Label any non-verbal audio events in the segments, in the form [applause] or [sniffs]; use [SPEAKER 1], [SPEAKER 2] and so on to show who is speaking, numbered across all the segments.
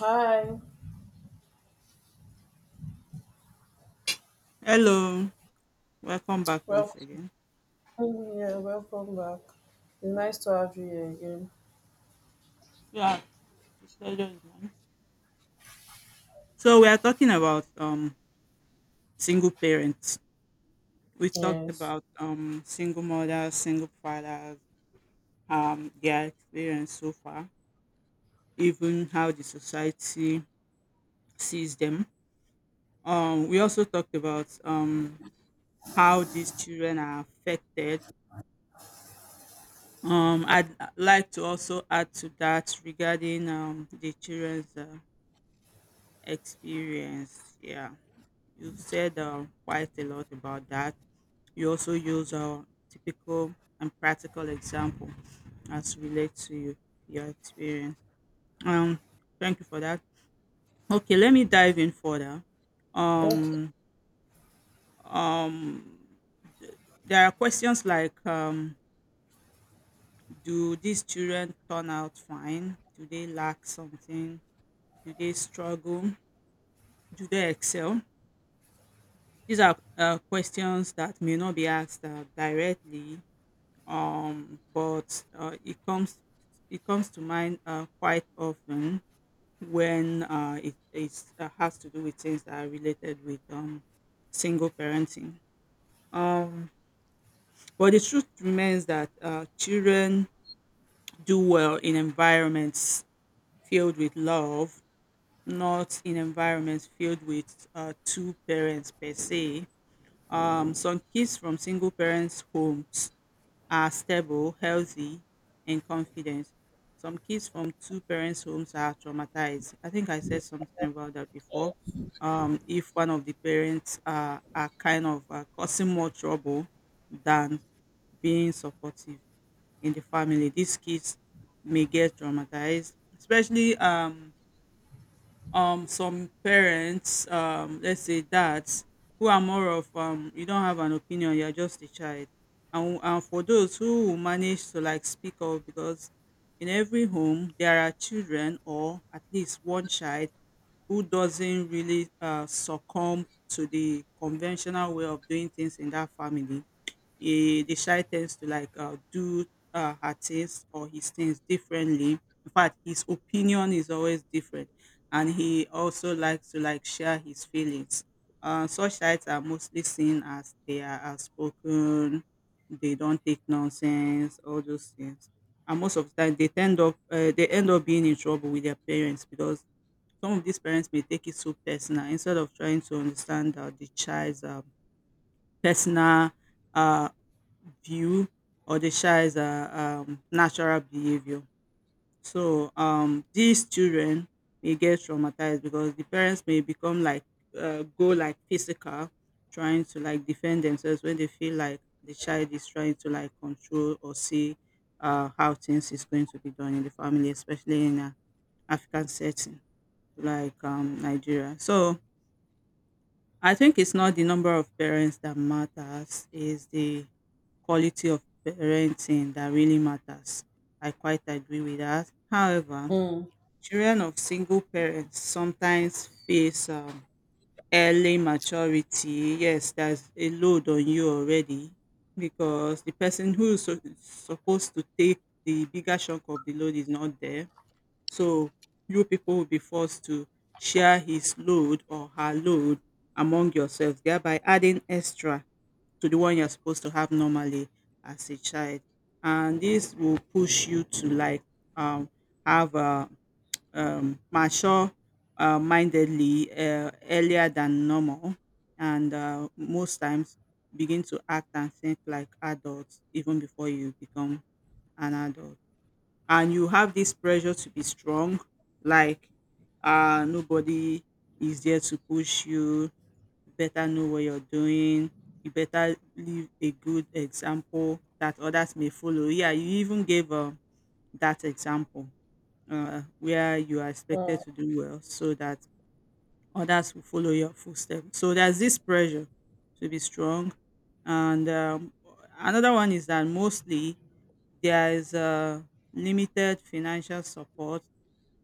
[SPEAKER 1] Hi,
[SPEAKER 2] Hello, welcome back once
[SPEAKER 1] welcome.
[SPEAKER 2] again.
[SPEAKER 1] Yeah, welcome back. It's nice to have you here again.
[SPEAKER 2] Yeah, pleasure is mine. So we are talking about single parents. We talked
[SPEAKER 1] Yes.
[SPEAKER 2] about single mothers, single fathers, their experience so far, even how the society sees them. We also talked about how these children are affected. I'd like to also add to that regarding the children's experience. Yeah. You've said quite a lot about that. You also use a typical and practical example as relate to you, your experience. Um, Thank you for that. Okay, let me dive in further.
[SPEAKER 1] Okay.
[SPEAKER 2] Um, um, th- there are questions like, do these children turn out fine? Do they lack something? Do they struggle? Do they excel? These are questions that may not be asked directly, but it comes to mind quite often when it has to do with things that are related with single parenting. Um, but the truth remains that children do well in environments filled with love, not in environments filled with two parents per se. Some kids from single parents' homes are stable, healthy, and confident. Some kids from two parents' homes are traumatized. I think I said something about that before. If one of the parents are kind of causing more trouble than being supportive in the family, these kids may get traumatized, especially some parents let's say dads who are more of you don't have an opinion, you're just a child. And for those who will manage to like speak up, because in every home there are children, or at least one child who doesn't really succumb to the conventional way of doing things in that family, the shy tends to like do her things or his things differently. In fact, his opinion is always different, and he also likes to like share his feelings. Such sites are mostly seen as they are outspoken, they don't take nonsense, all those things. And most of the time, they end up being in trouble with their parents, because some of these parents may take it so personal, instead of trying to understand the child's, personal uh, view, or the child's, natural behavior. So these children may get traumatized because the parents may become like, go like physical, trying to like defend themselves when they feel like the child is trying to like control or see how things is going to be done in the family, especially in an African setting like, Nigeria. So I think it's not the number of parents that matters; is the quality of parenting that really matters. I quite agree with that. However,
[SPEAKER 1] Mm,
[SPEAKER 2] children of single parents sometimes face early maturity. Yes, there's a load on you already, because the person who is supposed to take the bigger chunk of the load is not there. So you people will be forced to share his load or her load among yourselves, thereby adding extra to the one you're supposed to have normally as a child. And this will push you to like, um, have a, mature, mindedly, earlier than normal, and most times begin to act and think like adults even before you become an adult. And you have this pressure to be strong. Like, nobody is there to push you, better know what you're doing, you better leave a good example that others may follow. Yeah, you even gave, that example, where you are expected
[SPEAKER 1] mm,
[SPEAKER 2] to do well so that others will follow your footsteps. So there's this pressure to be strong. And another one is that, mostly there is limited financial support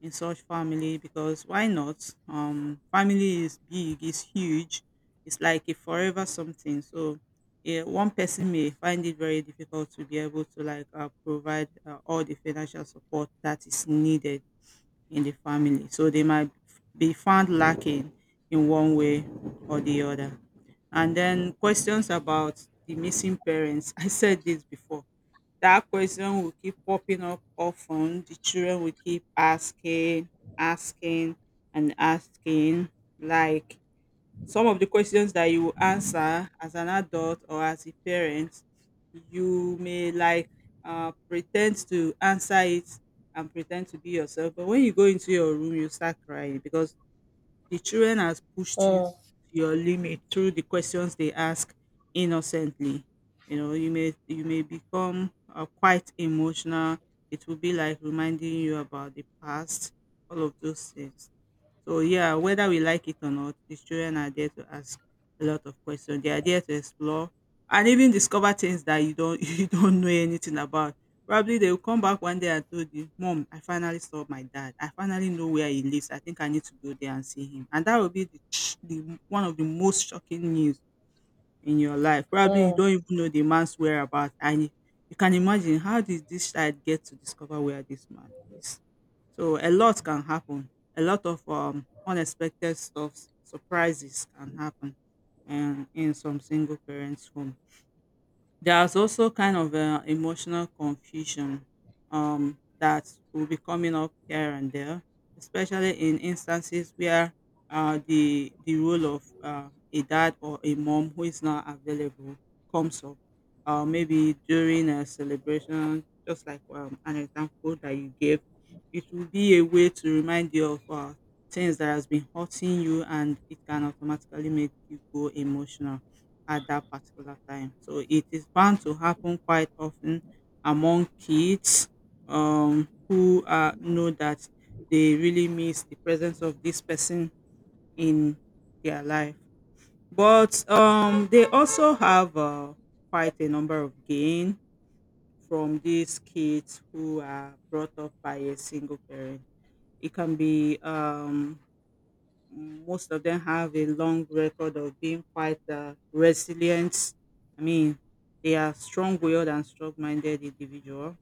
[SPEAKER 2] in such family, because why not, family is big, it's huge, it's like a forever something. So yeah, one person may find it very difficult to be able to like provide all the financial support that is needed in the family, so they might be found lacking in one way or the other. And then questions about the missing parents [laughs] I said this before, that question will keep popping up often. The children will keep asking, asking, and asking. Like, some of the questions that you will answer as an adult or as a parent, you may like pretend to answer it and pretend to be yourself. But when you go into your room, you start crying, because the children has pushed you to
[SPEAKER 1] mm,
[SPEAKER 2] your limit through the questions they ask innocently. You know, you may become quite emotional. It will be like reminding you about the past, all of those things. So yeah, whether we like it or not, these children are there to ask a lot of questions. They are there to explore and even discover things that you don't [laughs] you don't know anything about. Probably they will come back one day and told you, Mom, I finally saw my dad. I finally know where he lives. I think I need to go there and see him. And that will be the one of the most shocking news in your life. Probably you
[SPEAKER 1] mm,
[SPEAKER 2] don't even know the man's whereabouts, and you can imagine, how did this child get to discover where this man is. So a lot can happen. A lot of unexpected stuff, surprises can happen, and in some single parents' home. There's also kind of a emotional confusion that will be coming up here and there, especially in instances where the role of a dad or a mom who is not available comes up. Maybe during a celebration, just like, an example that you gave, it will be a way to remind you of things that has been hurting you, and it can automatically make you go emotional at that particular time. So it is bound to happen quite often among kids, who know that they really miss the presence of this person in their life. But they also have quite a number of gain from these kids who are brought up by a single parent. It can be, most of them have a long record of being quite resilient. I mean, they are strong-willed and strong-minded individual.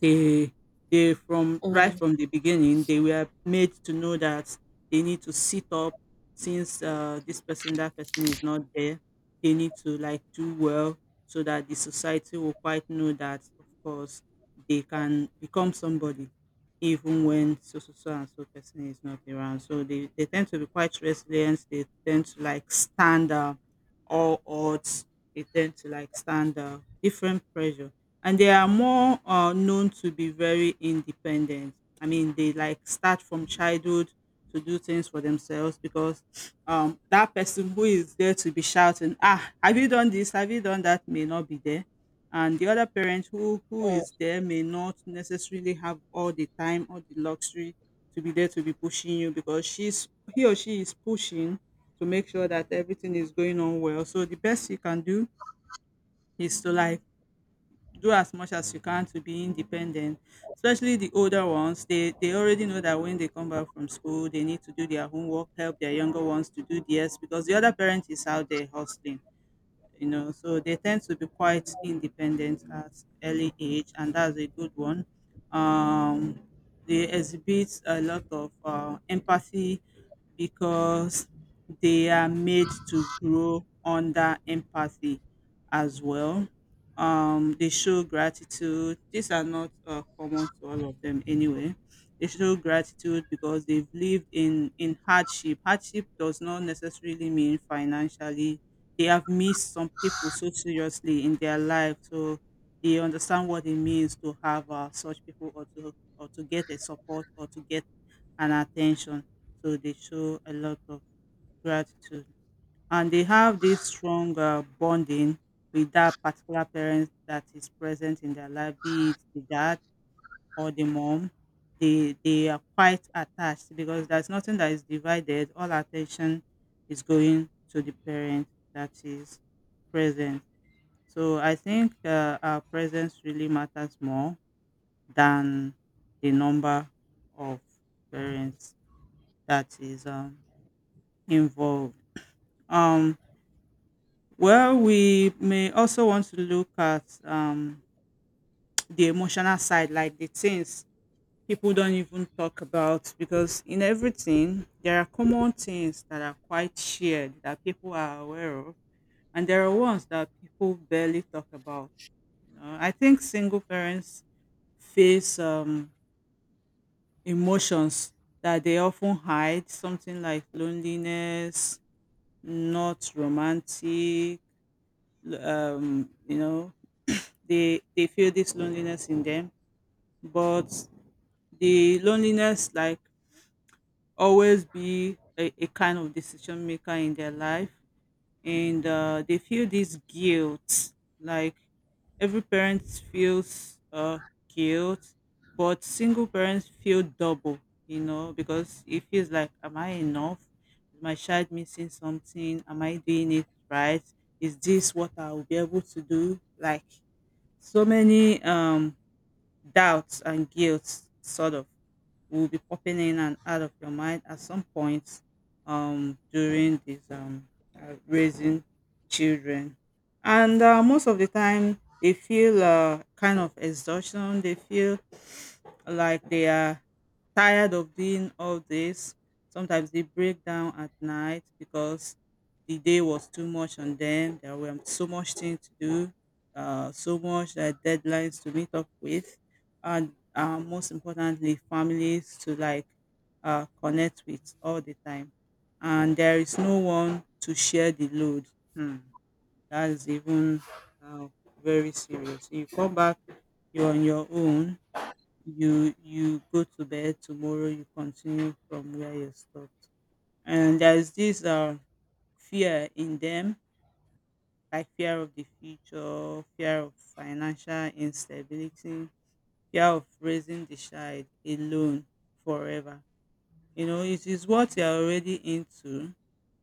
[SPEAKER 2] They they from right
[SPEAKER 1] mm,
[SPEAKER 2] from the beginning, they were made to know that they need to sit up, since this person, that person is not there, they need to like do well, so that the society will quite know that, of course, they can become somebody even when so so so and so person is not around. So they tend to be quite resilient, they tend to like stand all odds, they tend to like stand different pressure, and they are more known to be very independent. I mean, they like start from childhood to do things for themselves, because that person who is there to be shouting, ah, have you done this? Have you done that? May not be there. And the other parent who
[SPEAKER 1] mm.
[SPEAKER 2] is there, may not necessarily have all the time or the luxury to be there, to be pushing you, because she's he or she is pushing to make sure that everything is going on well. So the best you can do is to like do as much as you can to be independent. Especially the older ones, they already know that when they come back from school they need to do their homework, help their younger ones to do theirs, because the other parent is out there hustling, you know. So they tend to be quite independent at early age, and that's a good one. um they exhibit a lot of empathy, because they are made to grow under empathy as well. They show gratitude, these are not common to all of them anyway. They show gratitude because they've lived in hardship. Hardship does not necessarily mean financially, they have missed some people so seriously in their life. So they understand what it means to have such people, or to, get a support or to get an attention. So they show a lot of gratitude. And they have this strong bonding with that particular parent that is present in their life, be it the dad or the mom. They are quite attached, because there's nothing that is divided. All attention is going to the parent that is present. So I think our presence really matters more than the number of parents that is involved. Um, well, we may also want to look at the emotional side, like the things people don't even talk about, because in everything there are common things that are quite shared that people are aware of, and there are ones that people barely talk about. You know, I think single parents face emotions that they often hide, something like loneliness, not romantic. um, you know they feel this loneliness in them, but the loneliness, like, always be a kind of decision maker in their life. And they feel this guilt, like every parent feels guilt, but single parents feel double. You know, because it feels like, am I enough? Is my child missing something? Am I doing it right? Is this what I will be able to do? Like so many doubts and guilt sort of will be popping in and out of your mind at some point, during this raising children. And most of the time, they feel kind of exhaustion. They feel like they are tired of doing all this. Sometimes they break down at night because the day was too much on them. There were so much things to do, so much deadlines to meet up with, and most importantly, families to, like, connect with all the time, and there is no one to share the load. Hmm. That's even uh, very serious. You come back, you're on your own. You go to bed, tomorrow you continue from where you stopped. And there's this fear in them, like fear of the future, fear of financial instability, fear of raising the child alone forever. You know, it is what you are already into,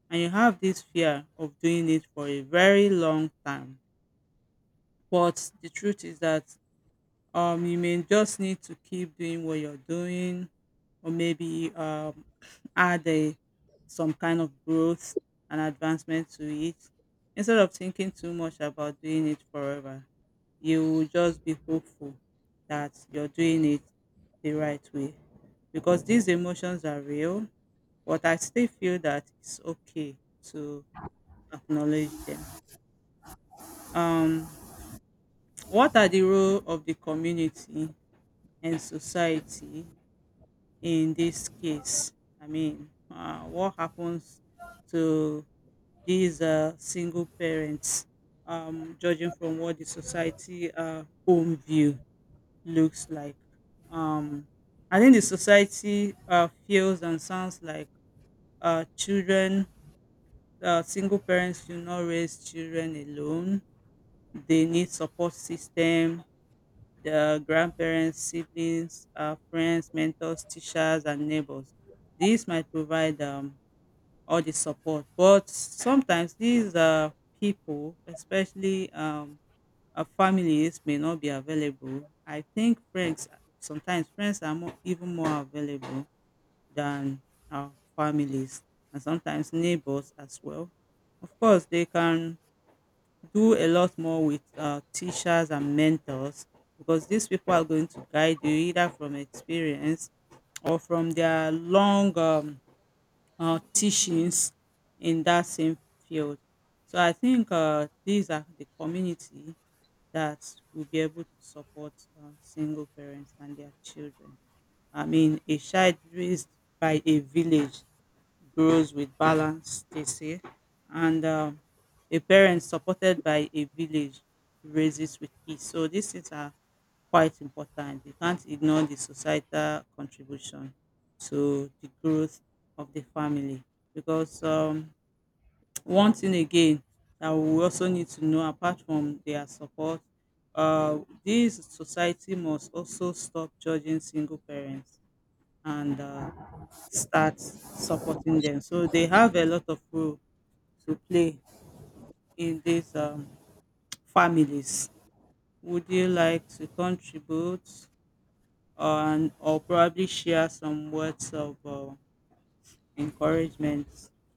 [SPEAKER 2] and you have this fear of doing it for a very long time. But the truth is that you may just need to keep doing what you're doing, or maybe [sniffs] [clears throat] add a some kind of growth and advancement to it, instead of thinking too much about doing it forever. You will just be hopeful that you're doing it the right way, because these emotions are real. But I still feel that it's okay to acknowledge them. um what are the role of the community and society in this case? I mean, what happens to these single parents, judging from what the society home view looks like? Um, I think the society feels and sounds like uh, children, single parents should not raise children alone. They need support system, their grandparents, siblings, friends, mentors, teachers, and neighbors. These might provide all the support, but sometimes these people, especially families, may not be available. I think friends, sometimes friends are more, even more available than our families, and sometimes neighbors as well. Of course, they can do a lot more with teachers and mentors, because these people are going to guide you either from experience or from their long teachings in that same field. So I think these are the community that will be able to support single parents and their children. I mean, a child raised by a village grows with balance, they say. And a parent supported by a village raises with peace. So these things are quite important. You can't ignore the societal contribution to the growth of the family. Because one thing again that we also need to know, apart from their support, uh, this society must also stop judging single parents, and start supporting them. So they have a lot of role to play in these families. Would you like to contribute on, or probably share some words of encouragement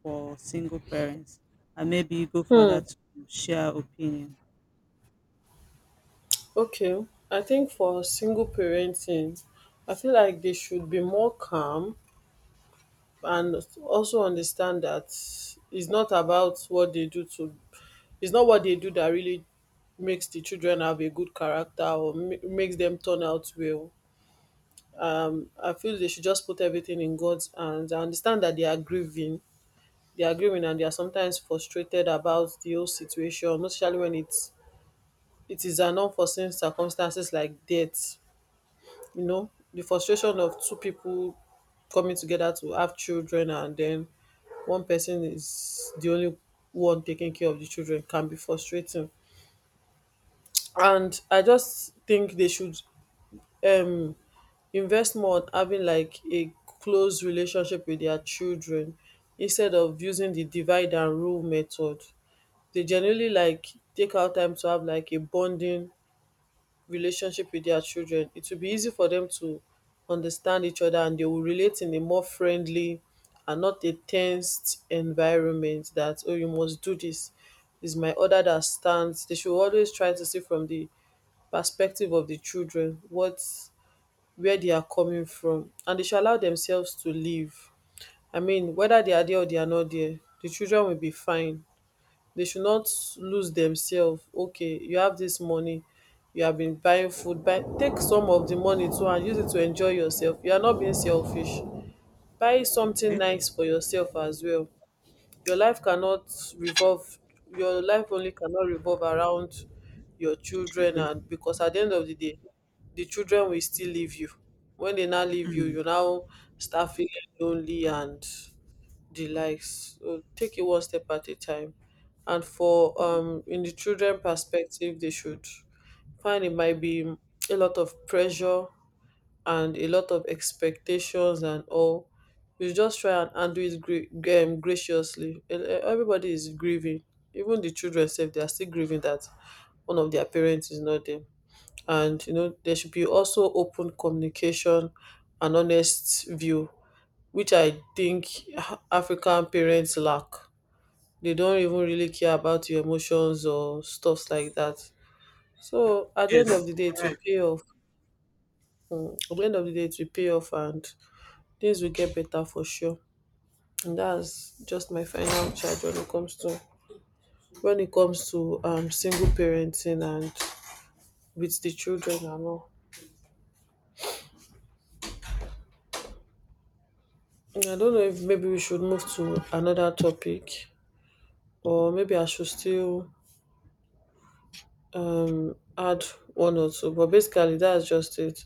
[SPEAKER 2] for single parents? And maybe you go for that to share opinion.
[SPEAKER 1] Okay. I think for single parenting, I feel like they should be more calm and also understand that it's not about what they do to. It's not what they do that really makes the children have a good character or makes them turn out well, I feel they should just put everything in God's hands. I understand that they are grieving, and they are sometimes frustrated about the whole situation, most especially when it is an unforeseen circumstances like death. You know, the frustration of two people coming together to have children, and then one person is the only one taking care of the children can be frustrating. And I just think they should um invest more on having like a close relationship with their children instead of using the divide and rule method. They generally like take out time to have like a bonding relationship with their children. It will be easy for them to understand each other, and they will relate in a more friendly and not a tensed environment that oh, you must do this, is my order that stands. They should always try to see from the perspective of the children what wia dia coming from, and dey should allow demsefs to live. I mean weda dia or dia not dia, di children will be fine. Dey should not lose demsef. Okay, you have dis money, you have been buying food, buy take some of di money too and use it to enjoy yoursef. You are not being selfish. Buy something
[SPEAKER 2] Right?
[SPEAKER 1] nice for yoursef as well. your life cannot revolve your life only cannot revolve around your children,
[SPEAKER 2] Children.
[SPEAKER 1] and because at the end of the day the children will still leave you. When they now leave you,
[SPEAKER 2] Mm.
[SPEAKER 1] you now start feeling lonely and the likes, so take it one step at a time. And for in the children perspective, they should find it might be a lot of pressure and a lot of expectations and all. You just try and handle it graciously. Everybody is grieving. Even the children self, they are still grieving that one of their parents is not there. And you know, there should be also open communication and honest view, which I think ah, African parents lack. They don't even really care about your emotions or stuffs like that. So at the end of
[SPEAKER 2] Yes.
[SPEAKER 1] the day, it will pay off. At the end of the day, it will pay off, and things will get better for sure. And that's just my final charge when it comes to when it comes to single parenting and with the children and all. And I don't know if maybe we should move to another topic or maybe I should still add one or two. But basically that's just it.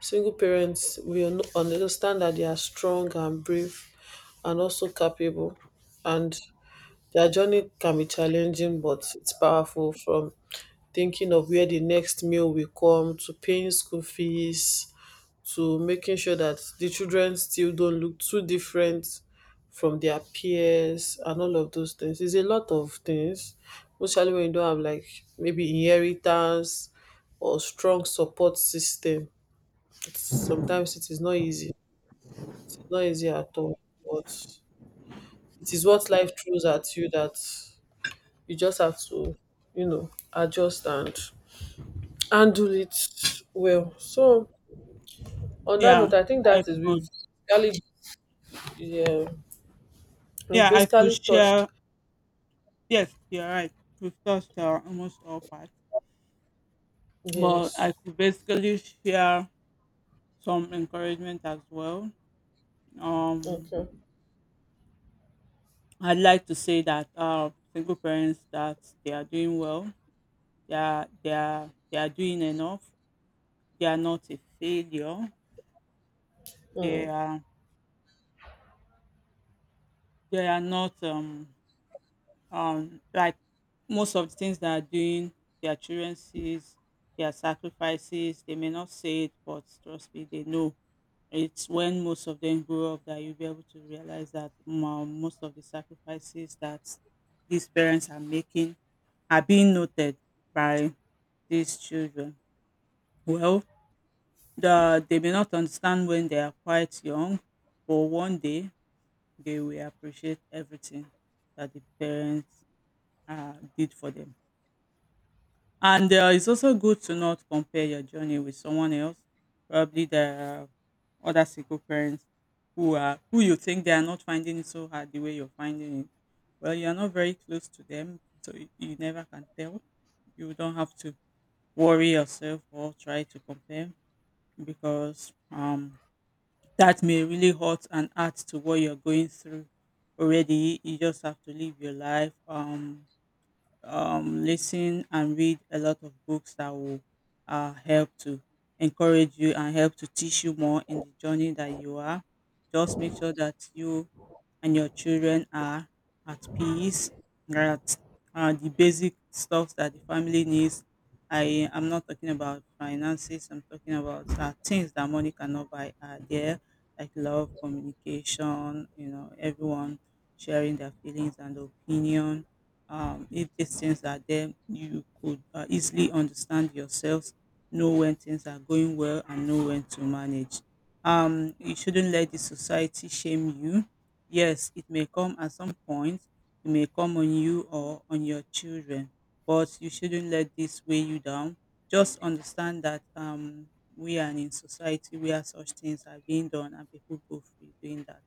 [SPEAKER 1] Single parents, we understand that they are strong and brave and also capable, and their journey can be challenging but it's powerful, from thinking of where the next meal will come to paying school fees to making sure that the children still don't look too different from their peers and all of those things. It's a lot of things, especially when you don't have like maybe inheritance or strong support system. It's, sometimes it is not easy. It's not easy at all. But it is what life throws at you that you just have to, you know, adjust and handle it well. So on that
[SPEAKER 2] Yeah.
[SPEAKER 1] note, I think
[SPEAKER 2] I
[SPEAKER 1] that is
[SPEAKER 2] could.
[SPEAKER 1] we've basically, yeah, we've
[SPEAKER 2] Yeah, I could
[SPEAKER 1] basically touched
[SPEAKER 2] share. Yes, you're right. We've touched almost all parts. But I
[SPEAKER 1] Yes.
[SPEAKER 2] could basically share some encouragement as well. Um,
[SPEAKER 1] Okay.
[SPEAKER 2] I'd like to say that single parents, that they are doing well, they are doing enough. They are not a failure. They are they are not like most of the things they are doing. Their children sees their sacrifices. They may not say it, but trust me, they know. It's when most of them grow up that you'll be able to realize that most of the sacrifices that these parents are making are being noted by these children. Well, they may not understand when they are quite young, but one day they will appreciate everything that the parents did for them. And it's also good to not compare your journey with someone else, probably the other single parents who you think they are not finding it so hard the way you're finding it. Well, you're not very close to them, so you never can tell. You don't have to worry yourself or try to compare, because that may really hurt and add to what you're going through already. You just have to live your life. Listen and read a lot of books that will help to encourage you and help to teach you more in the journey that you are. Just make sure that you and your children are at peace, that the basic stuff that the family needs. I am not talking about finances, I'm talking about things that money cannot buy are there, like love, communication, you know, everyone sharing their feelings and opinion. If these things are there, you could easily understand yourselves, know when things are going well, and know when to manage. You shouldn't let the society shame you. Yes, it may come at some point. It may come on you or on your children, but you shouldn't let this weigh you down. Just understand that we are in society where such things are being done and people go free doing that.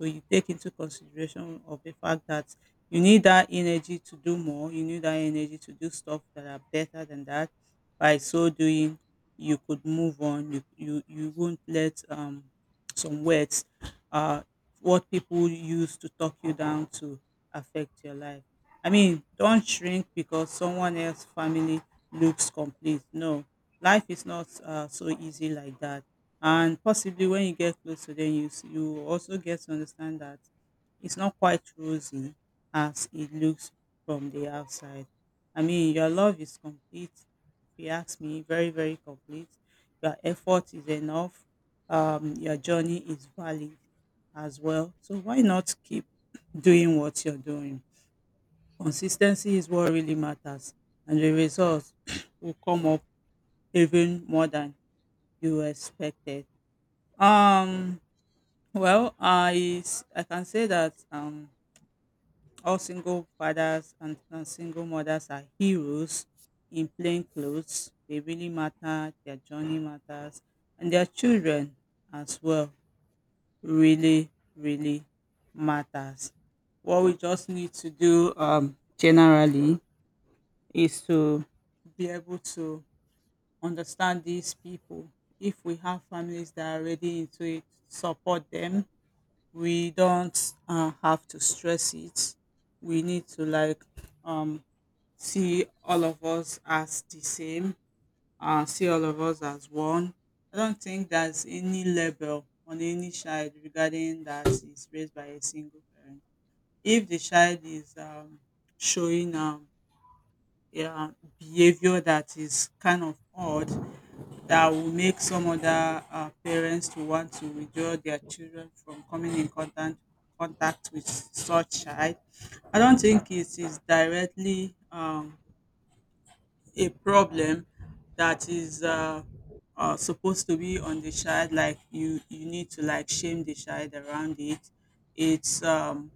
[SPEAKER 2] So you take into consideration of the fact that you need that energy to do more, you need that energy to do stuff that are better than that. By so doing, you could move on. You won't let some words uh what people use to talk you down to affect your life. I mean, don't shrink because someone else's family looks complete. No, life is not so easy like that. And possibly when you get close to them, you you also get to understand that it's not quite rosy as it looks from the outside. I mean, your love is complete, if you ask me, very very complete. Your effort is enough. Your journey is valid as well. So why not keep [clears throat] doing what you're doing? Consistency is what really matters, and the results [clears throat] will come up even more than you expected. um well, I can say that all single fathers and, single mothers are heroes in plain clothes. They really matter. Their journey matters, and their children as well really really matters. What we just need to do, generally, is to be able to understand these people. If we have families that are already into it, support them. We don't have to stress it. We need to, like, um see all of us as the same, see all of us as one. I don't think there's any label on any child regarding that is raised by a single parent. If the child is showing yeah, behavior that is kind of odd, that will make some other parents to want to withdraw their children from coming in contact with such child. I don't think it is directly a problem that is supposed to be on the child. Like you need to, like, shame the child around it. It's um,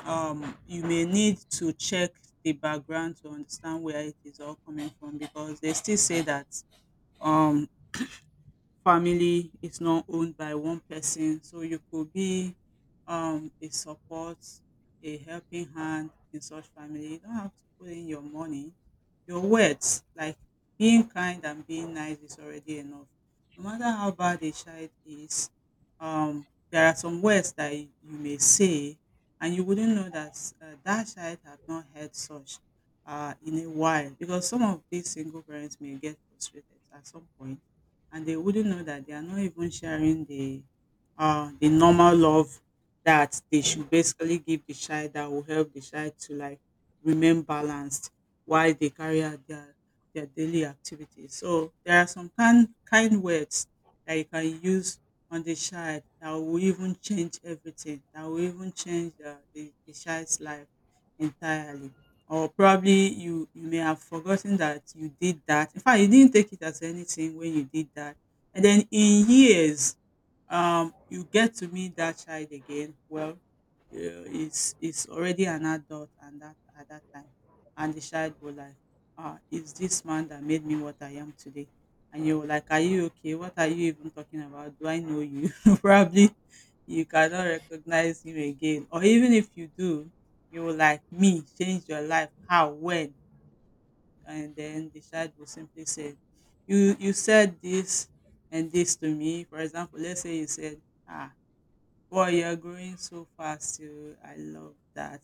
[SPEAKER 2] um, you may need to check the background to understand where it is all coming from, because they still say that um family is not owned by one person, so you could be a support, a helping hand in such family. You don't have to put in your money, your words. Like, being kind and being nice is already enough. No matter how bad a child is, um there are some words that you may say and you wouldn't know that that child have not heard such in a while, because some of these single parents may get frustrated at some point and they wouldn't know that they are not even sharing the normal love that they should basically give the child, that will help the child to, like, remain balanced while they carry out their daily activities. So there are some kind words that you can use on the child that will even change everything, that will even change the child's life entirely. Or probably you may have forgotten that you did that. In fact, you didn't take it as anything when you did that. And then in years, you get to meet that child again. Well, yeah, it's already an adult, and that at that time, and the child will like, it's this man that made me what I am today. And you're like, are you okay? What are you even talking about? Do I know you? [laughs] Probably you cannot recognize him again, or even if you do, you will like, me change your life? How? When? And then the child will simply say, you said this and this to me. For example, let's say you said, ah wow, you're growing so fast. Oh, I love that.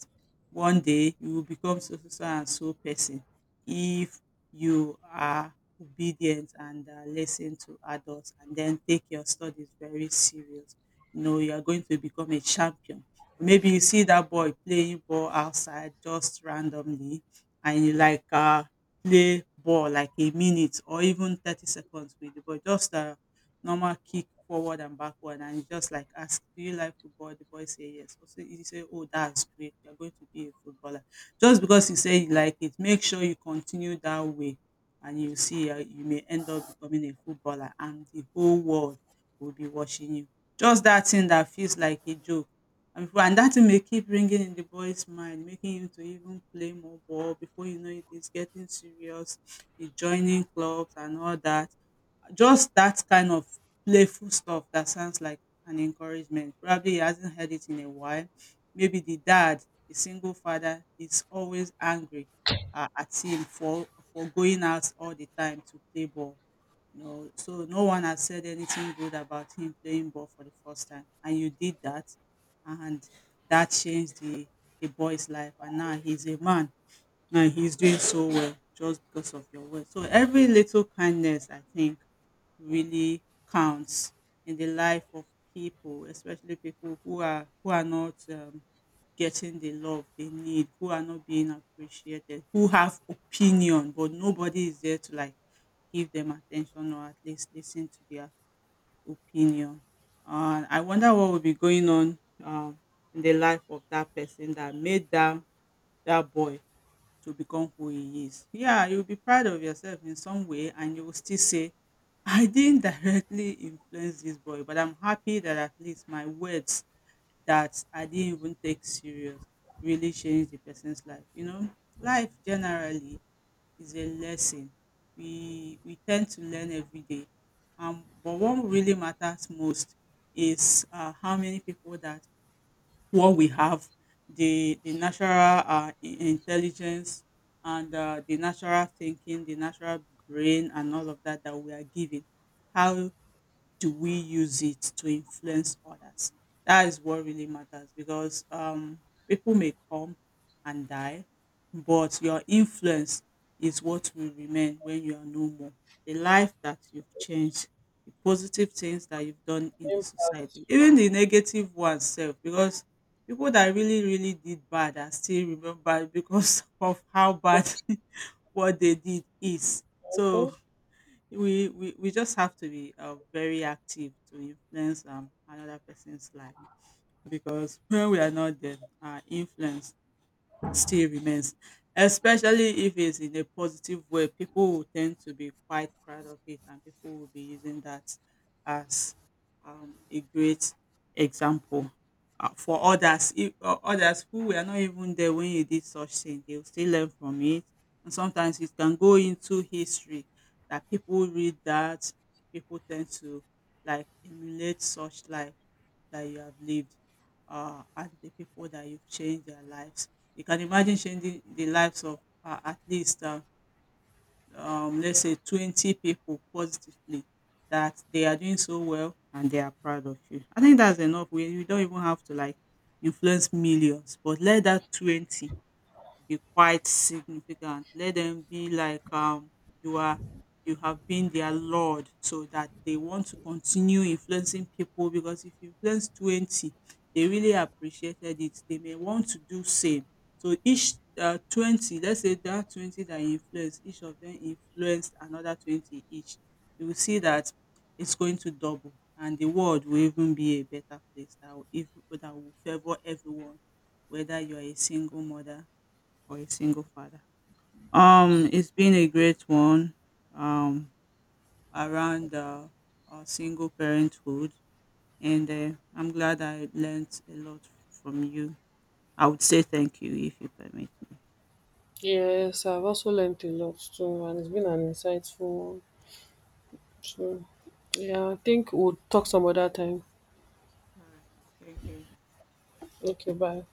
[SPEAKER 2] One day you will become so so so and so person if you are obedient and listen to adults and then take your studies very serious. You know, you are going to become a champion. Maybe you see that boy playing ball outside just randomly, and you like, play ball like a minute or even 30 seconds with the boy. Just normal kick forward and backward, and he just like ask, do you like football? The boy say yes, so he say, oh, that's great, you're going to be a footballer, just because he say you like it. Make sure you continue that way, and you see, you may end up becoming a footballer and the whole world will be watching you. Just that thing that feels like a joke, and before, and that thing may keep ringing in the boy's mind, making him to even play more ball. Before you know it, it is getting serious. He's joining clubs and all that. Just that kind of playful stuff that sounds like an encouragement. Probably he hasn't heard it in a while. Maybe the dad, the single father, is always angry at him for going out all the time to play ball. You know, so no one has said anything good about him playing ball for the first time, and you did that, and that changed the boy's life, and now he's a man. Now he's doing so well just because of your words. So every little kindness, I think, really counts in the life of people, especially people who are not getting the love they need, who are not being appreciated, who have opinion, but nobody is there to like give them attention or at least listen to their opinion. And I wonder what will be going on in the life of that person that made that that boy to become who he is. Yeah, you'll be proud of yourself in some way, and you will still say, I didn't directly influence this boy, but I'm happy that at least my words that I didn't even take serious really changed the person's life. You know, life generally is a lesson. We tend to learn every day. But what really matters most is how many people that what we have, the natural intelligence and the natural thinking, the natural brain, and all of that that we are given, how do we use it to influence others? That is what really matters, because people may come and die, but your influence is what will remain when you are no more. The life that you've changed, the positive things that you've done in the
[SPEAKER 1] Impact.
[SPEAKER 2] society, even the negative ones, self, because people that really, really did bad are still remembered because [laughs] of how bad [laughs] what they did is. So
[SPEAKER 1] Mhm.
[SPEAKER 2] we just have to be very active to influence another person's life, because [laughs] when we are not there, our influence still remains, especially if it's in a positive way. People will tend to be quite proud of it, and people will be using that as a great example for others. If others who were not even there when you did such thing, they will still learn from it, and sometimes it can go into history that people read, that people tend to like emulate such life that you have lived, and the people that you've changed their lives. You can imagine changing the lives of let's say, 20 people positively, that they are doing so well and they are proud of you. I think that's enough. We, you don't even have to like influence millions, but let that 20 be quite significant. Let them be like, you are you have been their lord, so that they want to continue influencing people. Because if you influence 20, they really appreciated it, they may want to do same. So each 20, let's say that 20 that you influence, each of them influenced another 20 each. You will see that it's going to double, and the world will even be a better place that will, if, that will favor everyone, whether you are a single mother for a single father. It's been a great one um, around single parenthood, and I'm glad I learned a lot from you. I would say thank you if you permit.
[SPEAKER 1] Yes, I've also learned a lot too, and it's been an insightful one. So yeah, I think we'll talk some other time.
[SPEAKER 2] All right, thank you.
[SPEAKER 1] Okay, bye.